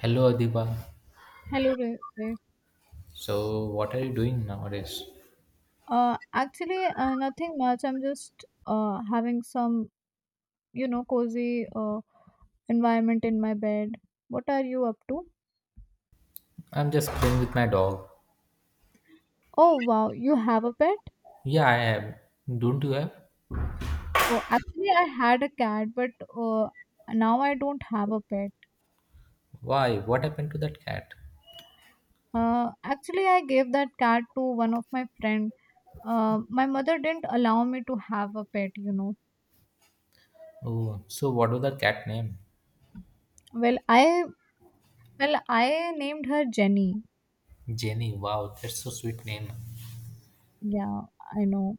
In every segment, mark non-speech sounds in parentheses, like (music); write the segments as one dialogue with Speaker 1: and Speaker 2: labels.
Speaker 1: Hello, Adiba.
Speaker 2: Hello, Rinsi.
Speaker 1: So, what are you doing nowadays?
Speaker 2: Nothing much. I'm just having you know, cozy environment in my bed. What are you up to?
Speaker 1: I'm just playing with my dog.
Speaker 2: Oh, wow, you have a pet?
Speaker 1: Yeah, I am. Don't you have?
Speaker 2: Oh, actually, I had a cat, but uh, now I don't have a pet.
Speaker 1: Why? What happened to that cat?
Speaker 2: I gave that cat to one of my friend. My mother didn't allow me to have a pet, you know.
Speaker 1: Oh, so what was that cat name?
Speaker 2: Well, I well, I named her Jenny.
Speaker 1: Jenny. Wow, that's so sweet name.
Speaker 2: Yeah, I know.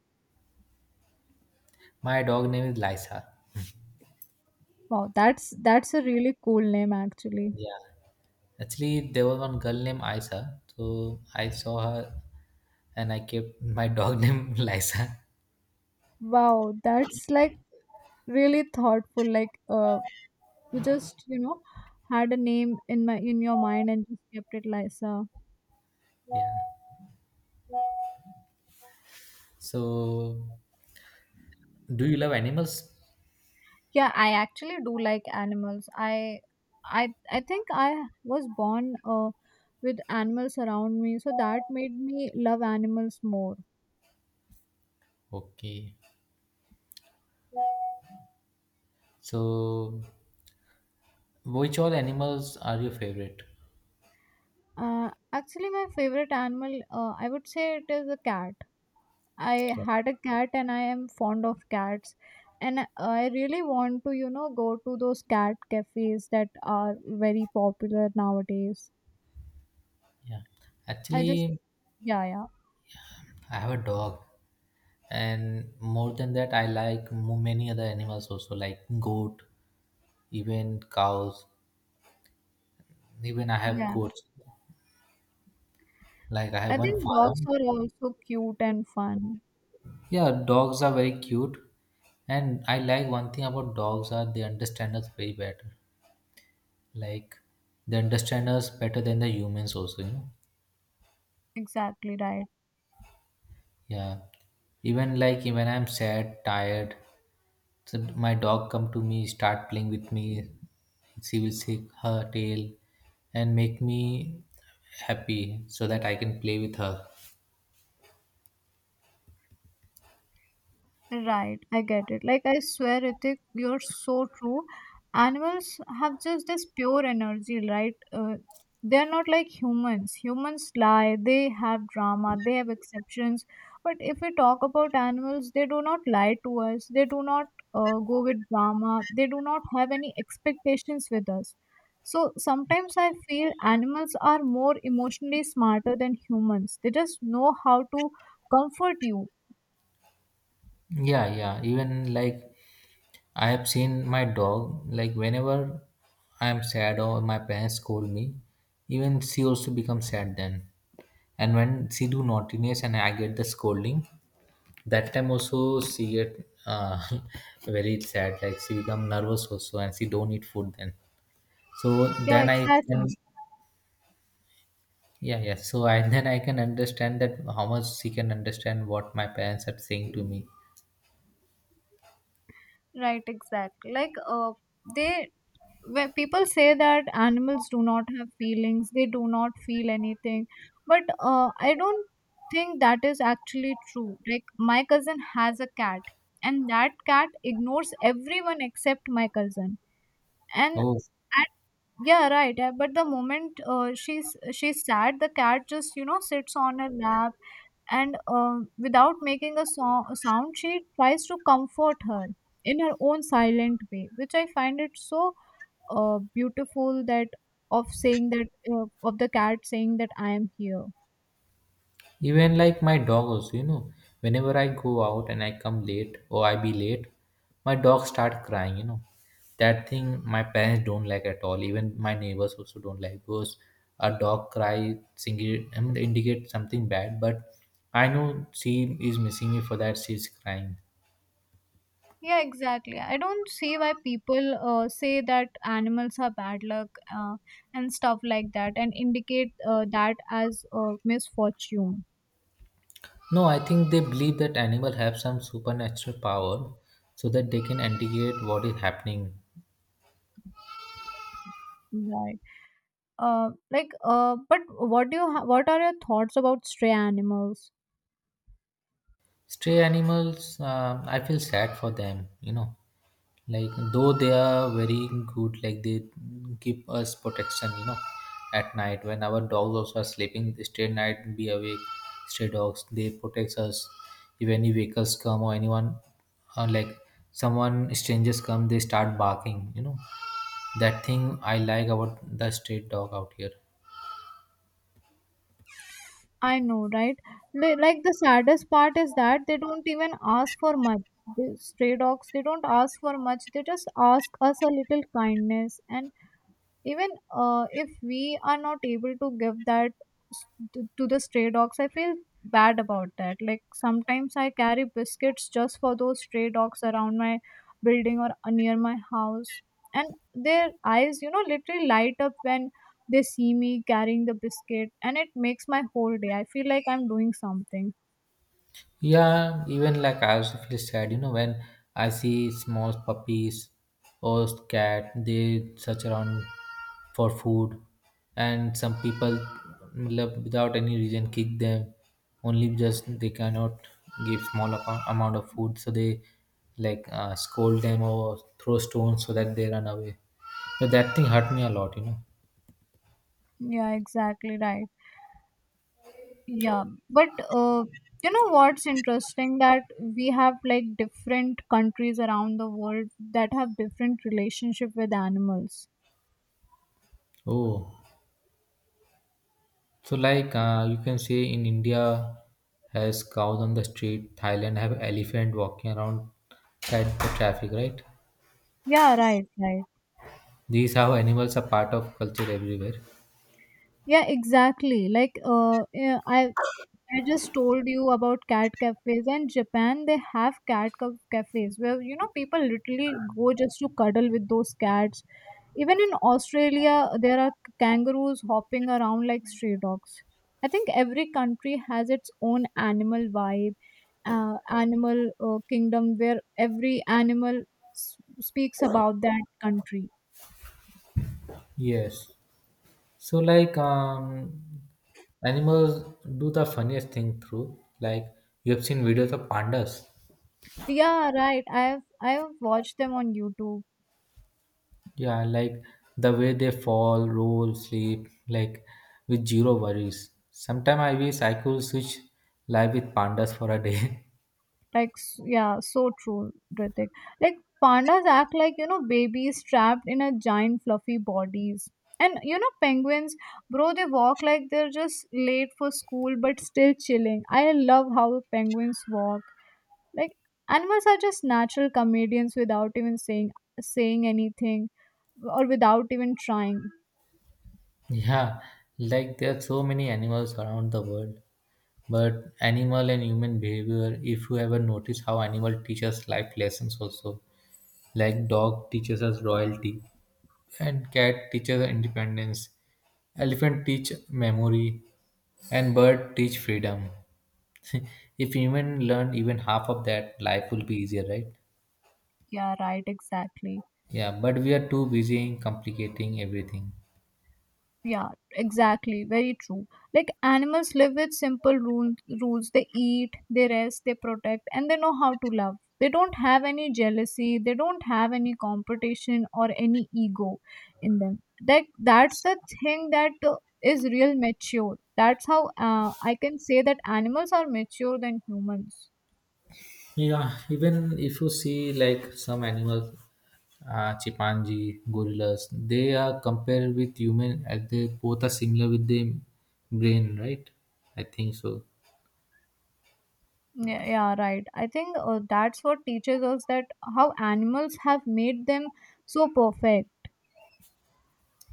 Speaker 1: My dog name is Lisa.
Speaker 2: Wow, that's a really cool name actually.
Speaker 1: Yeah. Actually, there was one girl named Isa. So I saw her, and I kept my dog (laughs) name Lisa.
Speaker 2: Wow, that's like really thoughtful. Like you just, you know, had a name in your mind and just kept it Lisa.
Speaker 1: Yeah. So, do you love animals?
Speaker 2: Yeah, I actually do like animals. I think I was born with animals around me, so that made me love animals more.
Speaker 1: Okay. So, which all animals are your favorite?
Speaker 2: Actually my favorite animal I would say it is a cat. I
Speaker 1: Yeah.
Speaker 2: had a cat and I am fond of cats. And I really want to, you know, go to those cat cafes that are very popular nowadays.
Speaker 1: Yeah.
Speaker 2: I just,
Speaker 1: Actually,
Speaker 2: yeah, yeah,
Speaker 1: I have a dog, and more than that, I like many other animals also, like goat, even cows. Even I have
Speaker 2: yeah.
Speaker 1: goats. Like I have
Speaker 2: I
Speaker 1: one
Speaker 2: think dogs
Speaker 1: farm.
Speaker 2: are also cute and fun.
Speaker 1: Yeah, dogs are very cute, and I like one thing about dogs are they understand us very better. Like they understand us better than the humans also, you know.
Speaker 2: Exactly right.
Speaker 1: Yeah. Even like when I'm sad, tired, so my dog come to me, start playing with me. She will shake her tail and make me happy so that I can play with her.
Speaker 2: Right, I get it. Like I swear, Ritik, you're so true. Animals have just this pure energy, right? They're not like humans. Humans lie, they have drama, they have exceptions. But if we talk about animals, they do not lie to us. They do not go with drama. They do not have any expectations with us. So sometimes I feel animals are more emotionally smarter than humans. They just know how to comfort you.
Speaker 1: Yeah, yeah. Even like I have seen my dog, like whenever I'm sad or my parents scold me, even she also becomes sad then. And when she do naughtiness and I get the scolding, that time also she get (laughs) very sad like she become nervous also and she don't eat food then so
Speaker 2: Yeah,
Speaker 1: then I can,
Speaker 2: exactly.
Speaker 1: yeah, yeah, so I (laughs) then I can understand that how much she can understand what my parents are saying to me.
Speaker 2: Right, exactly. Like they when people say that animals do not have feelings, they do not feel anything, but I don't think that is actually true. Like my cousin has a cat, and that cat ignores everyone except my cousin, and
Speaker 1: Oh,
Speaker 2: at yeah, right. But the moment she's sad, the cat just you know sits on her lap, and without making a sound, she tries to comfort her in her own silent way, which I find it so beautiful that of saying that of the cat saying that I am here.
Speaker 1: even like my doggos, you know, whenever I go out and I come late or I be late, my dog start crying, you know. That thing my parents don't like at all. Even my neighbors also don't like because a dog cry single, I mean, indicate something bad, but I know she is missing me for that she's crying.
Speaker 2: Yeah, exactly. I don't see why people say that animals are bad luck uh, and stuff like that, and indicate that as misfortune.
Speaker 1: No, I think they believe that animal have some supernatural power so that they can indicate what is happening.
Speaker 2: Right. But what do you what are your thoughts about stray animals?
Speaker 1: Stray animals, I feel sad for them, you know, like though they are very good, like they give us protection, you know, at night when our dogs also are sleeping they stay night be awake. Stray dogs, they protect us if any vehicles come or anyone, or like someone strangers come, they start barking, you know. That thing I like about the stray dog out here.
Speaker 2: I know, right? Like the saddest part is that they don't even ask for much. The stray dogs, they don't ask for much. They just ask us a little kindness, and even if we are not able to give that s- to the stray dogs, I feel bad about that. Like sometimes I carry biscuits just for those stray dogs around my building or near my house, and their eyes, you know, literally light up when they see me carrying the biscuit, and it makes my whole day. I feel like I'm doing something.
Speaker 1: Yeah, even like I also feel sad, you know, when I see small puppies or cat, they search around for food, and some people, matlab, without any reason, kick them. Only just they cannot give small amount of food, so they like scold them or throw stones so that they run away. So that thing hurt me a lot, you know.
Speaker 2: Yeah, exactly, right. Yeah, but you know what's interesting, that we have like different countries around the world that have different relationship with animals.
Speaker 1: Oh. So, like you can see in India, has cows on the street. Thailand have elephant walking around at the traffic, right?
Speaker 2: Yeah, right, right.
Speaker 1: These how animals are part of culture everywhere.
Speaker 2: Yeah, exactly. Like yeah, I just told you about cat cafes and Japan. They have cat cafes where you know people literally go just to cuddle with those cats. Even in Australia, there are kangaroos hopping around like stray dogs. I think every country has its own animal vibe, animal kingdom where every animal speaks about that country.
Speaker 1: Yes. So, like animals do the funniest thing through. Like you have seen videos of pandas.
Speaker 2: Yeah, right. I have watched them on YouTube.
Speaker 1: Yeah, like the way they fall, roll, sleep, like with zero worries. Sometimes I wish I could switch life with pandas for a day. (laughs)
Speaker 2: Yeah, so true, Ritik. Like, pandas act like, you know, babies trapped in a giant fluffy bodies. And, you know, penguins, bro, they walk like they're just late for school but still chilling. I love how penguins walk. Like, animals are just natural comedians without even saying saying anything or without even trying.
Speaker 1: Yeah, like there are so many animals around the world. But animal and human behavior, if you ever notice how animal teaches life lessons also. Like dog teaches us royalty and cat teaches us independence. Elephant teach memory and bird teach freedom. (laughs) If human learn even half of that, life will be easier, right?
Speaker 2: Yeah, right, exactly.
Speaker 1: Yeah, but we are too busy in complicating everything.
Speaker 2: Yeah, exactly. Very true. Like animals live with simple rules. Rules. They eat, they rest, they protect, and they know how to love. They don't have any jealousy. They don't have any competition or any ego in them. That's the thing that is real mature. That's how I can say that animals are mature than humans.
Speaker 1: Yeah, even if you see like some animals, chimpanzee, gorillas, they are compared with human as they both are similar with the brain, right? I think so.
Speaker 2: Yeah, yeah, right. I think that's what teaches us that how animals have made them so perfect.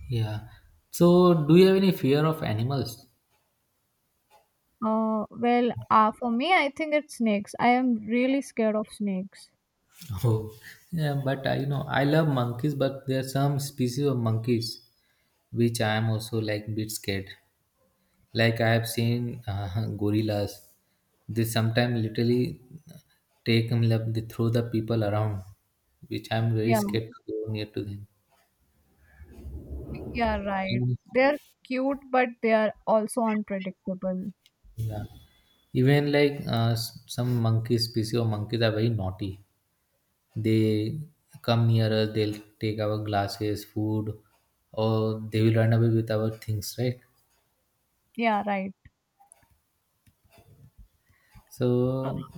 Speaker 1: Yeah. So, do you have any fear of animals?
Speaker 2: For me, I think it's snakes. I am really scared of snakes.
Speaker 1: Oh, (laughs) yeah. But I, you know, I love monkeys, but there are some species of monkeys which I am also like bit scared. Like I have seen (laughs) gorillas, they sometimes literally take them like they throw the people around, which I'm very
Speaker 2: Yeah,
Speaker 1: scared to go near to them.
Speaker 2: yeah, right.
Speaker 1: Mm,
Speaker 2: They're cute, but they are also unpredictable.
Speaker 1: yeah. Even like some monkey species of monkeys are very naughty. They come near us, they'll take our glasses, food, or they will run away with our things, right?
Speaker 2: Yeah, right. Uh,
Speaker 1: So,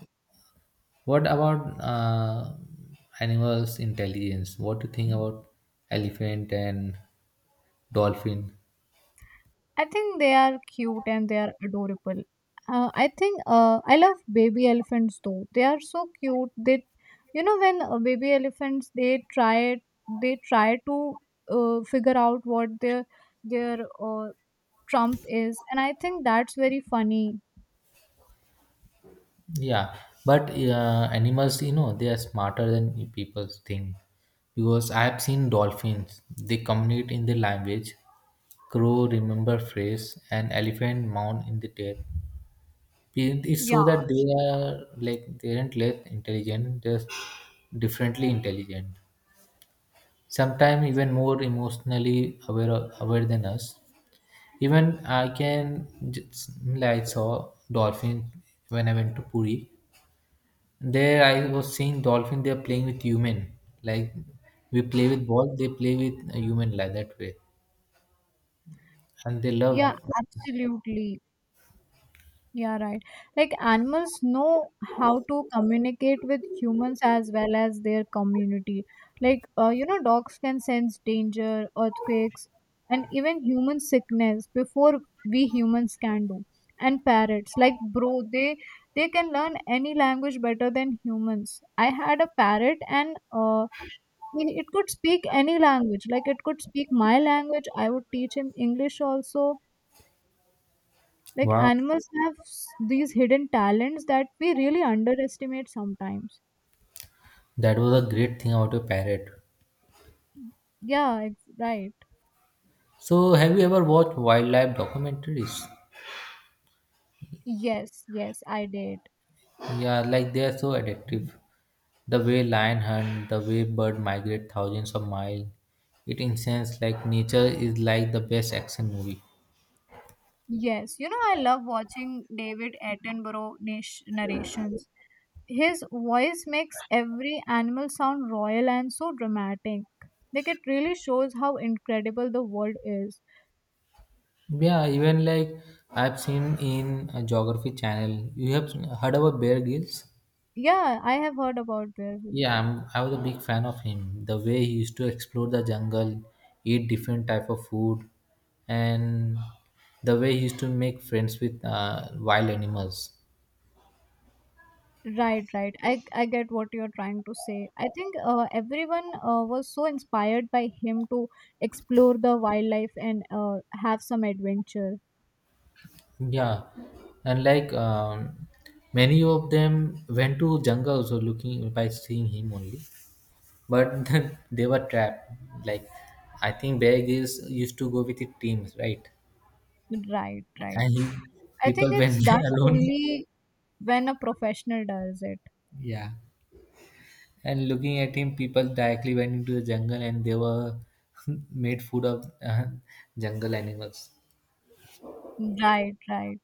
Speaker 1: what about animals' intelligence? What do you think about elephant and dolphin?
Speaker 2: I think they are cute and they are adorable. I love baby elephants though. They are so cute. They, you know, when baby elephants they try to figure out what their trump is, and I think that's very funny.
Speaker 1: Yeah, but animals, you know, they are smarter than people think because I have seen dolphins. They communicate in their language. Crow remember phrase and elephant mount in the tail. It's so that they are like they aren't less intelligent, just differently intelligent. Sometimes even more emotionally aware than us. Even I can just, like, I saw dolphin when I went to Puri. There I was seeing dolphin. They are playing with human. Like we play with ball, they play with a human like that way, and they
Speaker 2: Yeah,
Speaker 1: love.
Speaker 2: absolutely. Yeah, right. Like animals know how to communicate with humans as well as their community. Like, you know, dogs can sense danger, earthquakes, and even human sickness before we humans can do. And parrots, like bro, they can learn any language better than humans. I had a parrot, and it could speak any language. Like, it could speak my language. I would teach him English also. Like
Speaker 1: Wow,
Speaker 2: animals have these hidden talents that we really underestimate sometimes.
Speaker 1: that was a great thing about a parrot.
Speaker 2: Yeah, right.
Speaker 1: So have you ever watched wildlife documentaries?
Speaker 2: Yes, yes, I did.
Speaker 1: Yeah, like they are so addictive. The way lion hunt, the way bird migrate thousands of miles, it incense like nature is like the best action movie.
Speaker 2: Yes, you know, I love watching David Attenborough narrations. His voice makes every animal sound royal and so dramatic. Like, it really shows how incredible the world is.
Speaker 1: Yeah, even like I've seen in a geography channel. You have heard about Bear Grylls?
Speaker 2: Yeah, I have heard about this.
Speaker 1: Yeah, I was a big fan of him. The way he used to explore the jungle, eat different type of food, and the way he used to make friends with wild animals.
Speaker 2: Right, right. I get what you're trying to say. I think everyone was so inspired by him to explore the wildlife and have some adventure.
Speaker 1: Yeah, and like many of them went to Janga also looking by seeing him only, but (laughs) then they were trapped. Like I think Bear Grylls used to go with his teams, right?
Speaker 2: Right, right.
Speaker 1: And he
Speaker 2: I think
Speaker 1: people
Speaker 2: it's
Speaker 1: went (laughs)
Speaker 2: done
Speaker 1: there alone.
Speaker 2: only when a professional does it.
Speaker 1: Yeah, and looking at him, people directly went into the jungle and they were (laughs) made food of jungle animals.
Speaker 2: Right, right.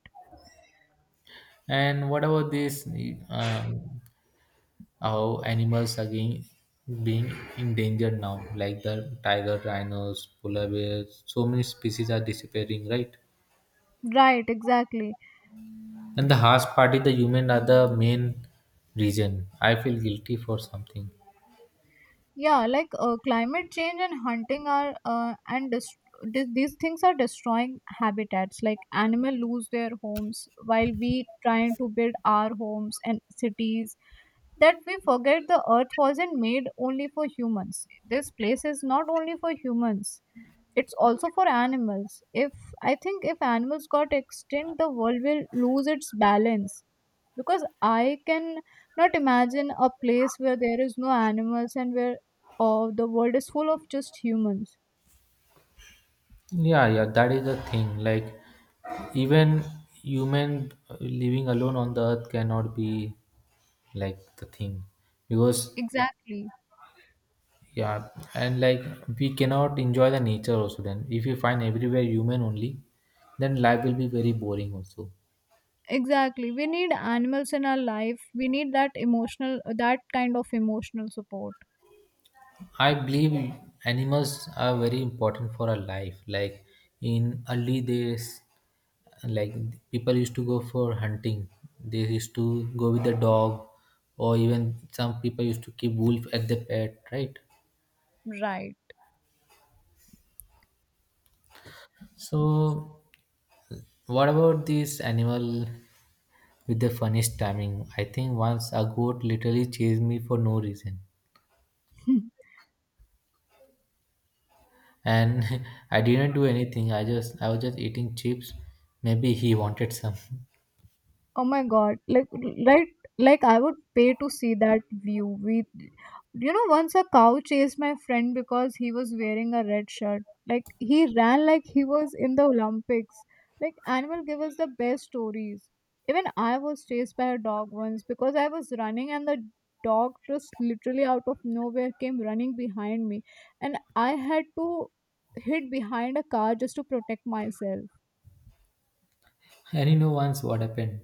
Speaker 1: And what about this? Um, how animals are being endangered now, like the tiger rhinos polar bears, so many species are disappearing, right?
Speaker 2: Right, exactly.
Speaker 1: And the harsh part is the human are the main reason. I feel guilty for something.
Speaker 2: Yeah, like climate change and hunting are and dest- th- these things are destroying habitats. Like animal lose their homes while we trying to build our homes and cities, that we forget the earth wasn't made only for humans. This place is not only for humans, it's also for animals. If I think if animals got extinct, the world will lose its balance because I can not imagine a place where there is no animals and where the world is full of just humans.
Speaker 1: Yeah, yeah, that is the thing, like even human living alone on the earth cannot be like the thing because,
Speaker 2: Exactly.
Speaker 1: yeah, and like we cannot enjoy the nature also then. If you find everywhere human only, then life will be very boring also.
Speaker 2: Exactly. We need animals in our life. We need that emotional, that kind of emotional support.
Speaker 1: I believe animals are very important for our life. Like in early days, like people used to go for hunting. They used to go with the dog, or even some people used to keep wolf at the pet, right?
Speaker 2: Right.
Speaker 1: So, what about this animal with the funniest timing? I think once a goat literally chased me for no reason,
Speaker 2: (laughs)
Speaker 1: and (laughs) I didn't do anything. I was just eating chips. Maybe he wanted some. (laughs)
Speaker 2: Oh my god, like right, like I would pay to see that view. We You know, once a cow chased my friend because he was wearing a red shirt. Like he ran like he was in the Olympics. Like animal give us the best stories. Even I was chased by a dog once because I was running and the dog just literally out of nowhere came running behind me, and I had to hid behind a car just to protect myself.
Speaker 1: And you know once what happened?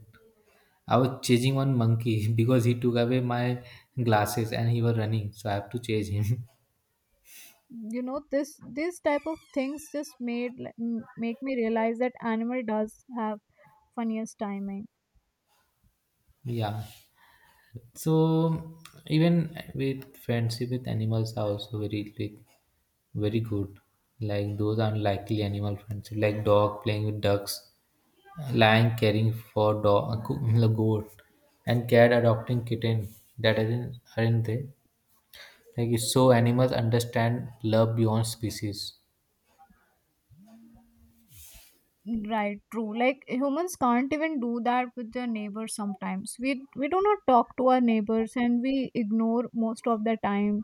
Speaker 1: I was chasing one monkey (laughs) because he took away my glasses and he was running, so I have to chase him.
Speaker 2: You know, this type of things just make me realize that animal does have funniest timing.
Speaker 1: (laughs) Yeah. So even with friendship with animals are also very like very good. Like those unlikely animal friendship, like dog playing with ducks, lion caring for dog, (laughs) goat, and cat adopting kitten. That aren't they? Like it's so animals understand love beyond species.
Speaker 2: Right, true. Like humans can't even do that with their neighbors. Sometimes we do not talk to our neighbors and we ignore most of the time.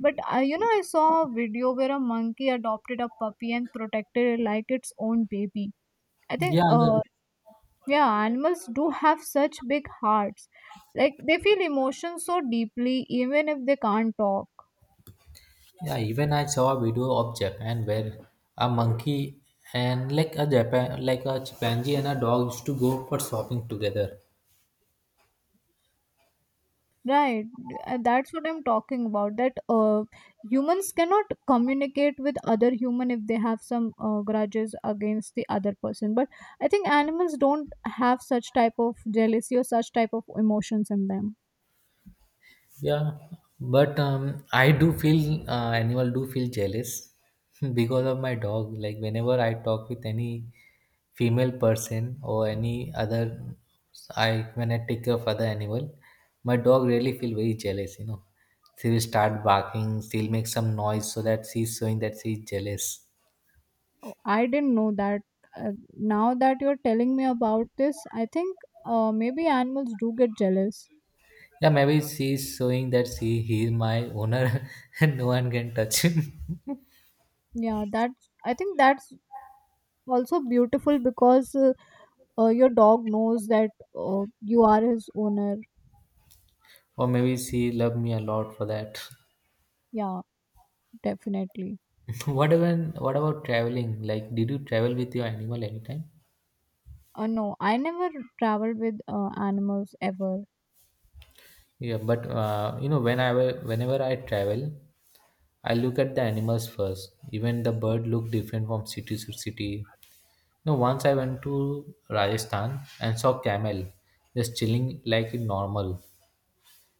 Speaker 2: But I, you know, I saw a video where a monkey adopted a puppy and protected it like its own baby. I think
Speaker 1: Yeah, yeah,
Speaker 2: Yeah, animals do have such big hearts. Like they feel emotions so deeply even if they can't talk.
Speaker 1: yeah. Even I saw a video of Japan where a monkey and like a Japan, like a chimpanzee and a dog used to go for shopping together.
Speaker 2: Right, that's what I'm talking about. That Humans cannot communicate with other human if they have some grudges against the other person. But I think animals don't have such type of jealousy or such type of emotions in them.
Speaker 1: Yeah, but I do feel animal do feel jealous (laughs) because of my dog. Like whenever I talk with any female person or any other, I when I take care of other animal, my dog really feel very jealous. You know, she will start barking. She'll make some noise so that she's showing that she's jealous.
Speaker 2: Oh, I didn't know that. Uh, Now that you're telling me about this, I think maybe animals do get jealous.
Speaker 1: Yeah, maybe she's showing that she he's my owner (laughs) and no one can touch him.
Speaker 2: Yeah, that's. I think that's also beautiful because your dog knows that you are his owner.
Speaker 1: (laughs) Or maybe she love me a lot for that.
Speaker 2: Yeah. Definitely.
Speaker 1: (laughs) What, even what about traveling? Like, did you travel with your animal anytime?
Speaker 2: No, I never traveled with animals ever.
Speaker 1: Yeah, but you know, whenever I travel, I look at the animals first. Even the bird look different from city to city. You, once I went to Rajasthan and saw camel just chilling like it normal,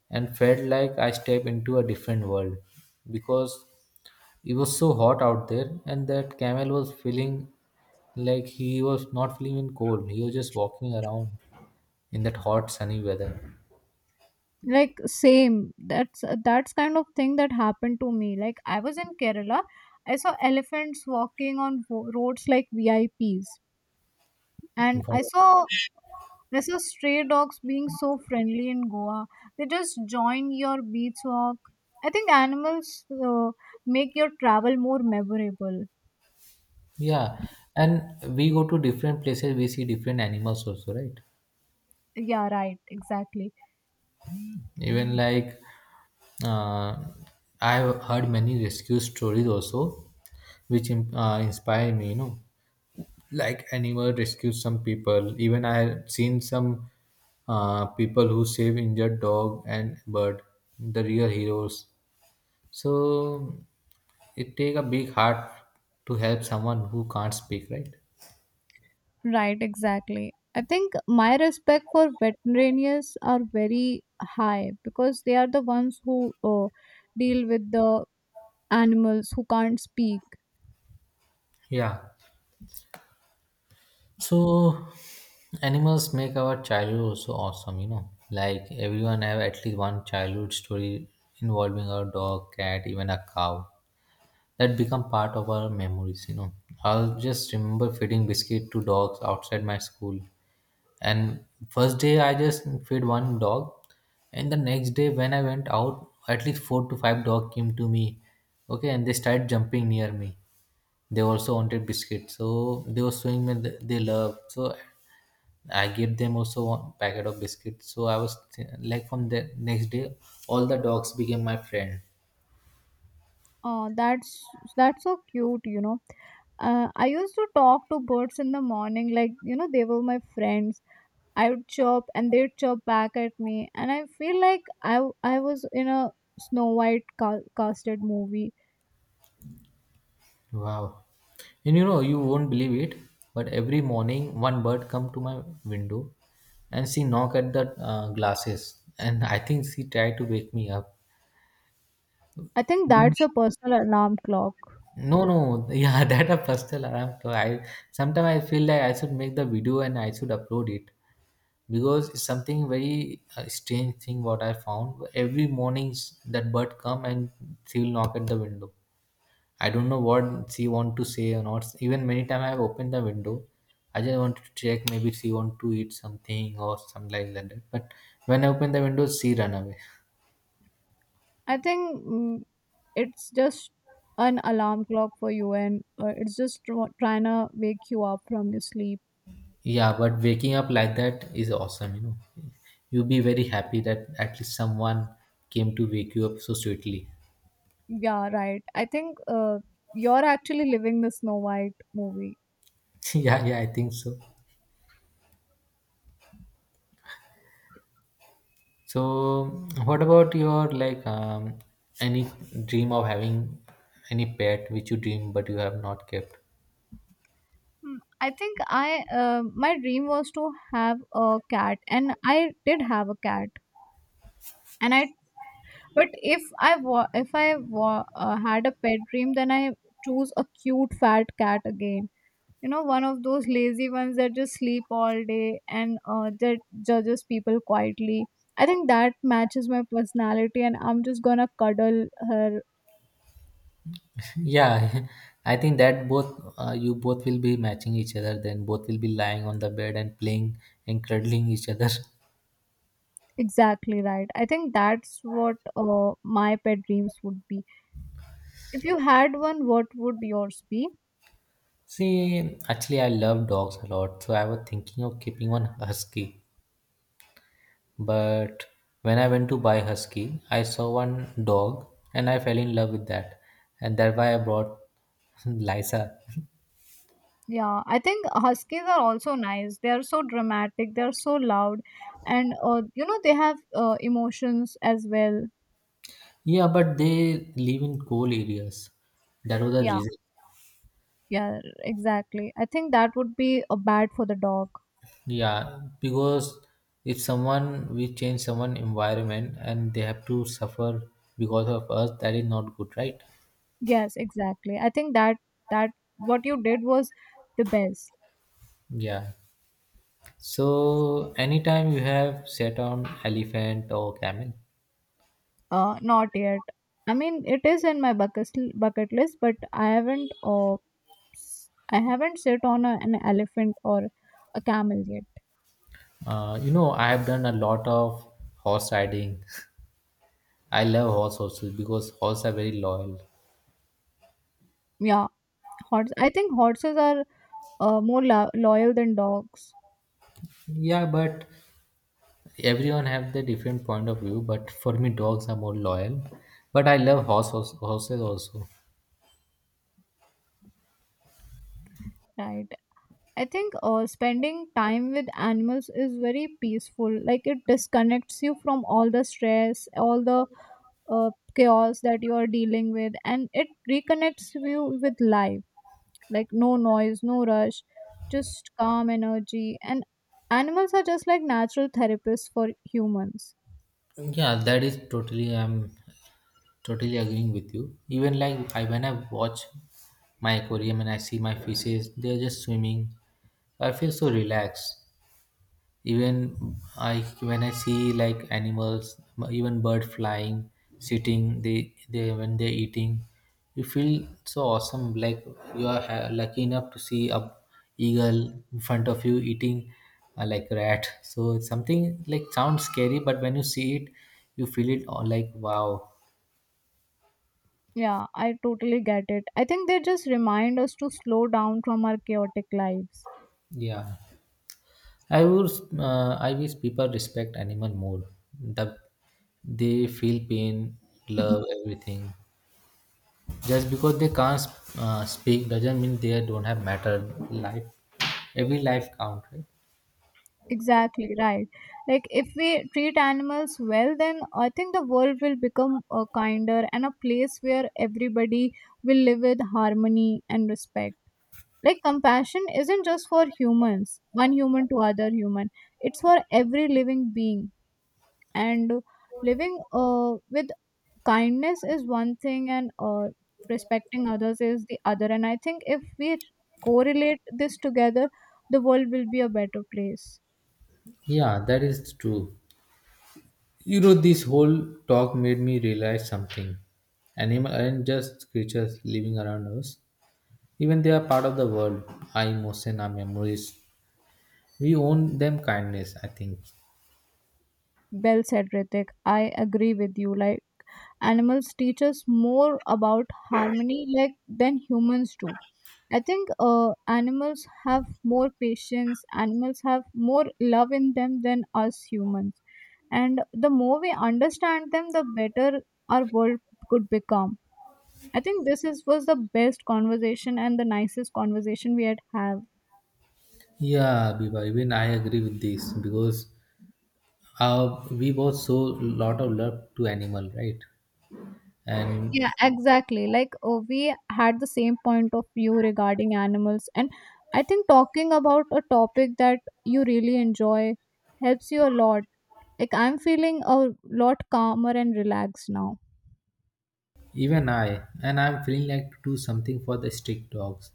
Speaker 1: and felt like I step into a different world because it was so hot out there, and that camel was feeling like he was not feeling in cold. He was just walking around in that hot, sunny weather.
Speaker 2: Like same. That's kind of thing that happened to me. Like I was in Kerala, I saw elephants walking on roads like VIPs, and
Speaker 1: Wow.
Speaker 2: I saw stray dogs being so friendly in Goa. They just join your beach walk. I think animals make your travel more memorable.
Speaker 1: Yeah, and we go to different places, we see different animals also, right?
Speaker 2: Yeah, right. Exactly.
Speaker 1: Even like uh, I've heard many rescue stories also, which inspire me, you know. Like animal rescue, some people, even I have seen some people who save injured dog and bird, the real heroes. So it take a big heart to help someone who can't speak, right?
Speaker 2: Right, exactly. I think my respect for veterinarians are very high because they are the ones who deal with the animals who can't speak.
Speaker 1: Yeah, so animals make our childhood also awesome, you know, like everyone have at least one childhood story involving a dog, cat, even a cow that become part of our memories, you know. I'll just remember feeding biscuit to dogs outside my school, and first day I just fed one dog, and the next day when I went out, at least four to five dog came to me. Okay, and they started jumping near me. They also wanted biscuit, so they were showing me they love. So I gave them also one packet of biscuit. So I was like from the next day, all the dogs became my friend.
Speaker 2: That's so cute, you know. I used to talk to birds in the morning, like you know, they were my friends. I would chirp and they'd chirp back at me, and I feel like I was in a Snow White casted movie.
Speaker 1: Wow. And you know, you won't believe it, but every morning one bird come to my window and she knock at the glasses, and I think she tried to wake me up.
Speaker 2: I think
Speaker 1: Even-
Speaker 2: that's a personal alarm clock.
Speaker 1: No, no, yeah, (laughs) that a personal alarm. So I sometimes I feel like I should make the video and I should upload it, because it's something very strange thing what I found. Every morning that bird come and she will knock at the window. I don't know what she want to say or not. Even many time I have opened the window. I just wanted to check maybe she want to eat something or something like that. But when I open the window, she run away.
Speaker 2: I think it's just an alarm clock for you, and it's just trying to wake you up from your sleep.
Speaker 1: Yeah, but waking up like that is awesome, you know. You'll be very happy that at least someone came to wake you up so sweetly.
Speaker 2: Yeah, right. I think you're actually living the Snow White movie.
Speaker 1: (laughs) Yeah, yeah, I think so. So, what about your like any dream of having any pet which you dream but you have not kept?
Speaker 2: I think I my dream was to have a cat, and I did have a cat. And I but if had a pet dream, then I choose a cute fat cat again. You know, one of those lazy ones that just sleep all day, and that judges people quietly. I think that matches my personality, and I'm just gonna cuddle her.
Speaker 1: Yeah, (laughs) I think that both you both will be matching each other. Then both will be lying on the bed and playing and cuddling each other.
Speaker 2: Exactly, right. I think that's what my pet dreams would be. If you had one, what would yours be?
Speaker 1: (laughs) See, actually, I love dogs a lot, so I was thinking of keeping one husky. But when I went to buy husky, I saw one dog and I fell in love with that, and that's why I brought (laughs) Lisa.
Speaker 2: Yeah, I think huskies are also nice. They are so dramatic, they are so loud, and you know, they have emotions as well.
Speaker 1: Yeah, but they live in cold areas. That was the
Speaker 2: Yeah.
Speaker 1: reason.
Speaker 2: Yeah, exactly. I think that would be a bad for the dog.
Speaker 1: Yeah, because if someone, we change someone environment and they have to suffer because of us, that is not good, right?
Speaker 2: Yes, exactly. I think that what you did was the best.
Speaker 1: Yeah. So anytime you have sat on elephant or camel,
Speaker 2: Not yet. I mean, it is in my bucket list, but I haven't. I haven't sit on an elephant or a camel yet.
Speaker 1: you know I have done a lot of horse riding. (laughs) I love horse also because horse are very loyal.
Speaker 2: Yeah, horse. I think horses are more loyal than dogs.
Speaker 1: Yeah, but everyone have the different point of view. But for me, dogs are more loyal. But I love horses also.
Speaker 2: Right. I think spending time with animals is very peaceful. Like, it disconnects you from all the stress, all the chaos that you are dealing with, and it reconnects you with life. Like, no noise, no rush, just calm energy. And animals are just like natural therapists for humans.
Speaker 1: Yeah, that is totally. Totally agreeing with you. Even like I when I watch my aquarium and I see my fishes, they're just swimming. I feel so relaxed. Even I when I see like animals, even bird flying, sitting, they when they're eating, you feel so awesome. Like you are lucky enough to see a eagle in front of you eating like rat. So it's something like sounds scary, but when you see it, you feel it all like, wow,
Speaker 2: Yeah, I totally get it. I think they just remind us to slow down from our chaotic lives.
Speaker 1: yeah. I would, I wish people respect animal more. The, they feel pain, love, everything. Just because they can't speak doesn't mean they don't have matter. Life, every life count, right?
Speaker 2: Exactly, right. Like, if we treat animals well, then I think the world will become a kinder and a place where everybody will live with harmony and respect. Like, compassion isn't just for humans, one human to other human. It's for every living being. And living uh, with kindness is one thing, and respecting others is the other. And I think if we correlate this together, the world will be a better place.
Speaker 1: Yeah, that is true. You know, this whole talk made me realize something. Animals aren't just creatures living around us. Even they are part of the world. Our emotion, our memories. We own them kindness, I think.
Speaker 2: Well said, Ritik. I agree with you. Like, animals teach us more about harmony, like, than humans do. I think animals have more patience, animals have more love in them than us humans. And the more we understand them, the better our world could become. I think this was the best conversation and the nicest conversation we had have.
Speaker 1: Yeah, Biba, even I agree with this because we both show lot of love to animal, right? And
Speaker 2: Yeah, exactly. Like, oh, we had the same point of view regarding animals, and I think talking about a topic that you really enjoy helps you a lot. Like, I'm feeling a lot calmer and relaxed now.
Speaker 1: even I, and I'm feeling like to do something for the street dogs.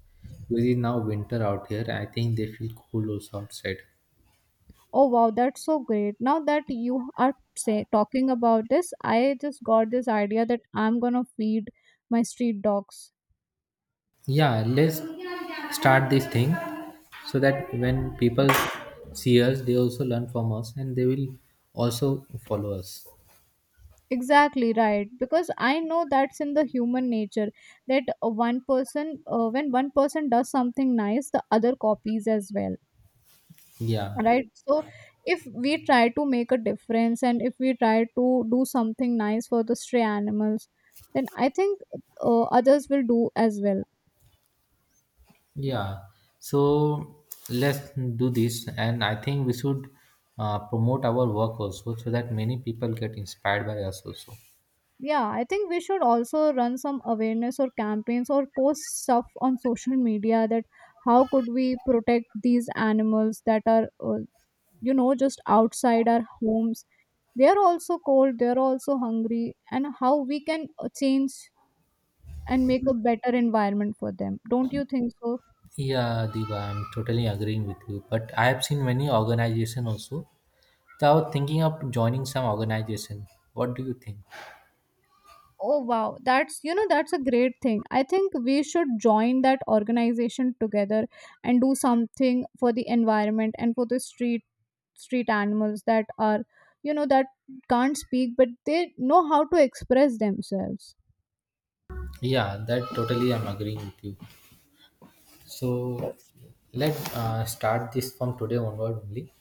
Speaker 1: Because it's now winter out here, I think they feel cold also outside.
Speaker 2: Oh wow, that's so great. Now that you are talking about this, I just got this idea that I'm gonna feed my street dogs.
Speaker 1: Yeah, let's start this thing so that when people see us, they also learn from us and they will also follow us.
Speaker 2: Exactly, right, because I know that's in the human nature that when one person does something nice, the other copies as well.
Speaker 1: Yeah.
Speaker 2: Right, so if we try to make a difference, and if we try to do something nice for the stray animals, then I think others will do as well.
Speaker 1: Yeah, so let's do this, and I think we should promote our work also so that many people get inspired by us also.
Speaker 2: Yeah, I think we should also run some awareness or campaigns or post stuff on social media that how could we protect these animals that are, just outside our homes. They are also cold, they are also hungry, and how we can change and make a better environment for them. Don't you think so?
Speaker 1: Yeah, Diva, I'm totally agreeing with you. But I have seen many organization also. So I was thinking of joining some organization. What do you think?
Speaker 2: Oh wow, that's, you know, that's a great thing. I think we should join that organization together and do something for the environment and for the street animals that are, you know, that can't speak but they know how to express themselves.
Speaker 1: Yeah, that totally I'm agreeing with you. So
Speaker 2: So,
Speaker 1: let start this from today onward only.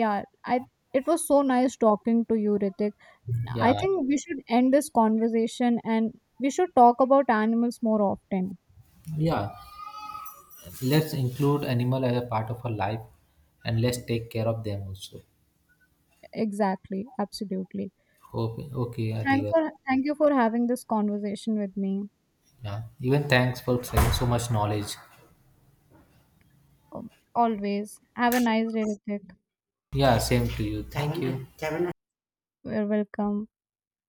Speaker 2: yeah, I it was so nice talking to you, Ritik.
Speaker 1: Yeah,
Speaker 2: I think we should end this conversation, and we should talk about animals more often.
Speaker 1: yeah. Let's include animal as a part of our life and let's take care of them also.
Speaker 2: Exactly, absolutely.
Speaker 1: Okay, okay,
Speaker 2: thank
Speaker 1: Adivas.
Speaker 2: for Thank you for having this conversation with me.
Speaker 1: Yeah. Even thanks for sharing so much knowledge.
Speaker 2: Um, Always have a nice day, Ritik.
Speaker 1: Yeah, same to you. Thank you. Have a
Speaker 2: You're welcome.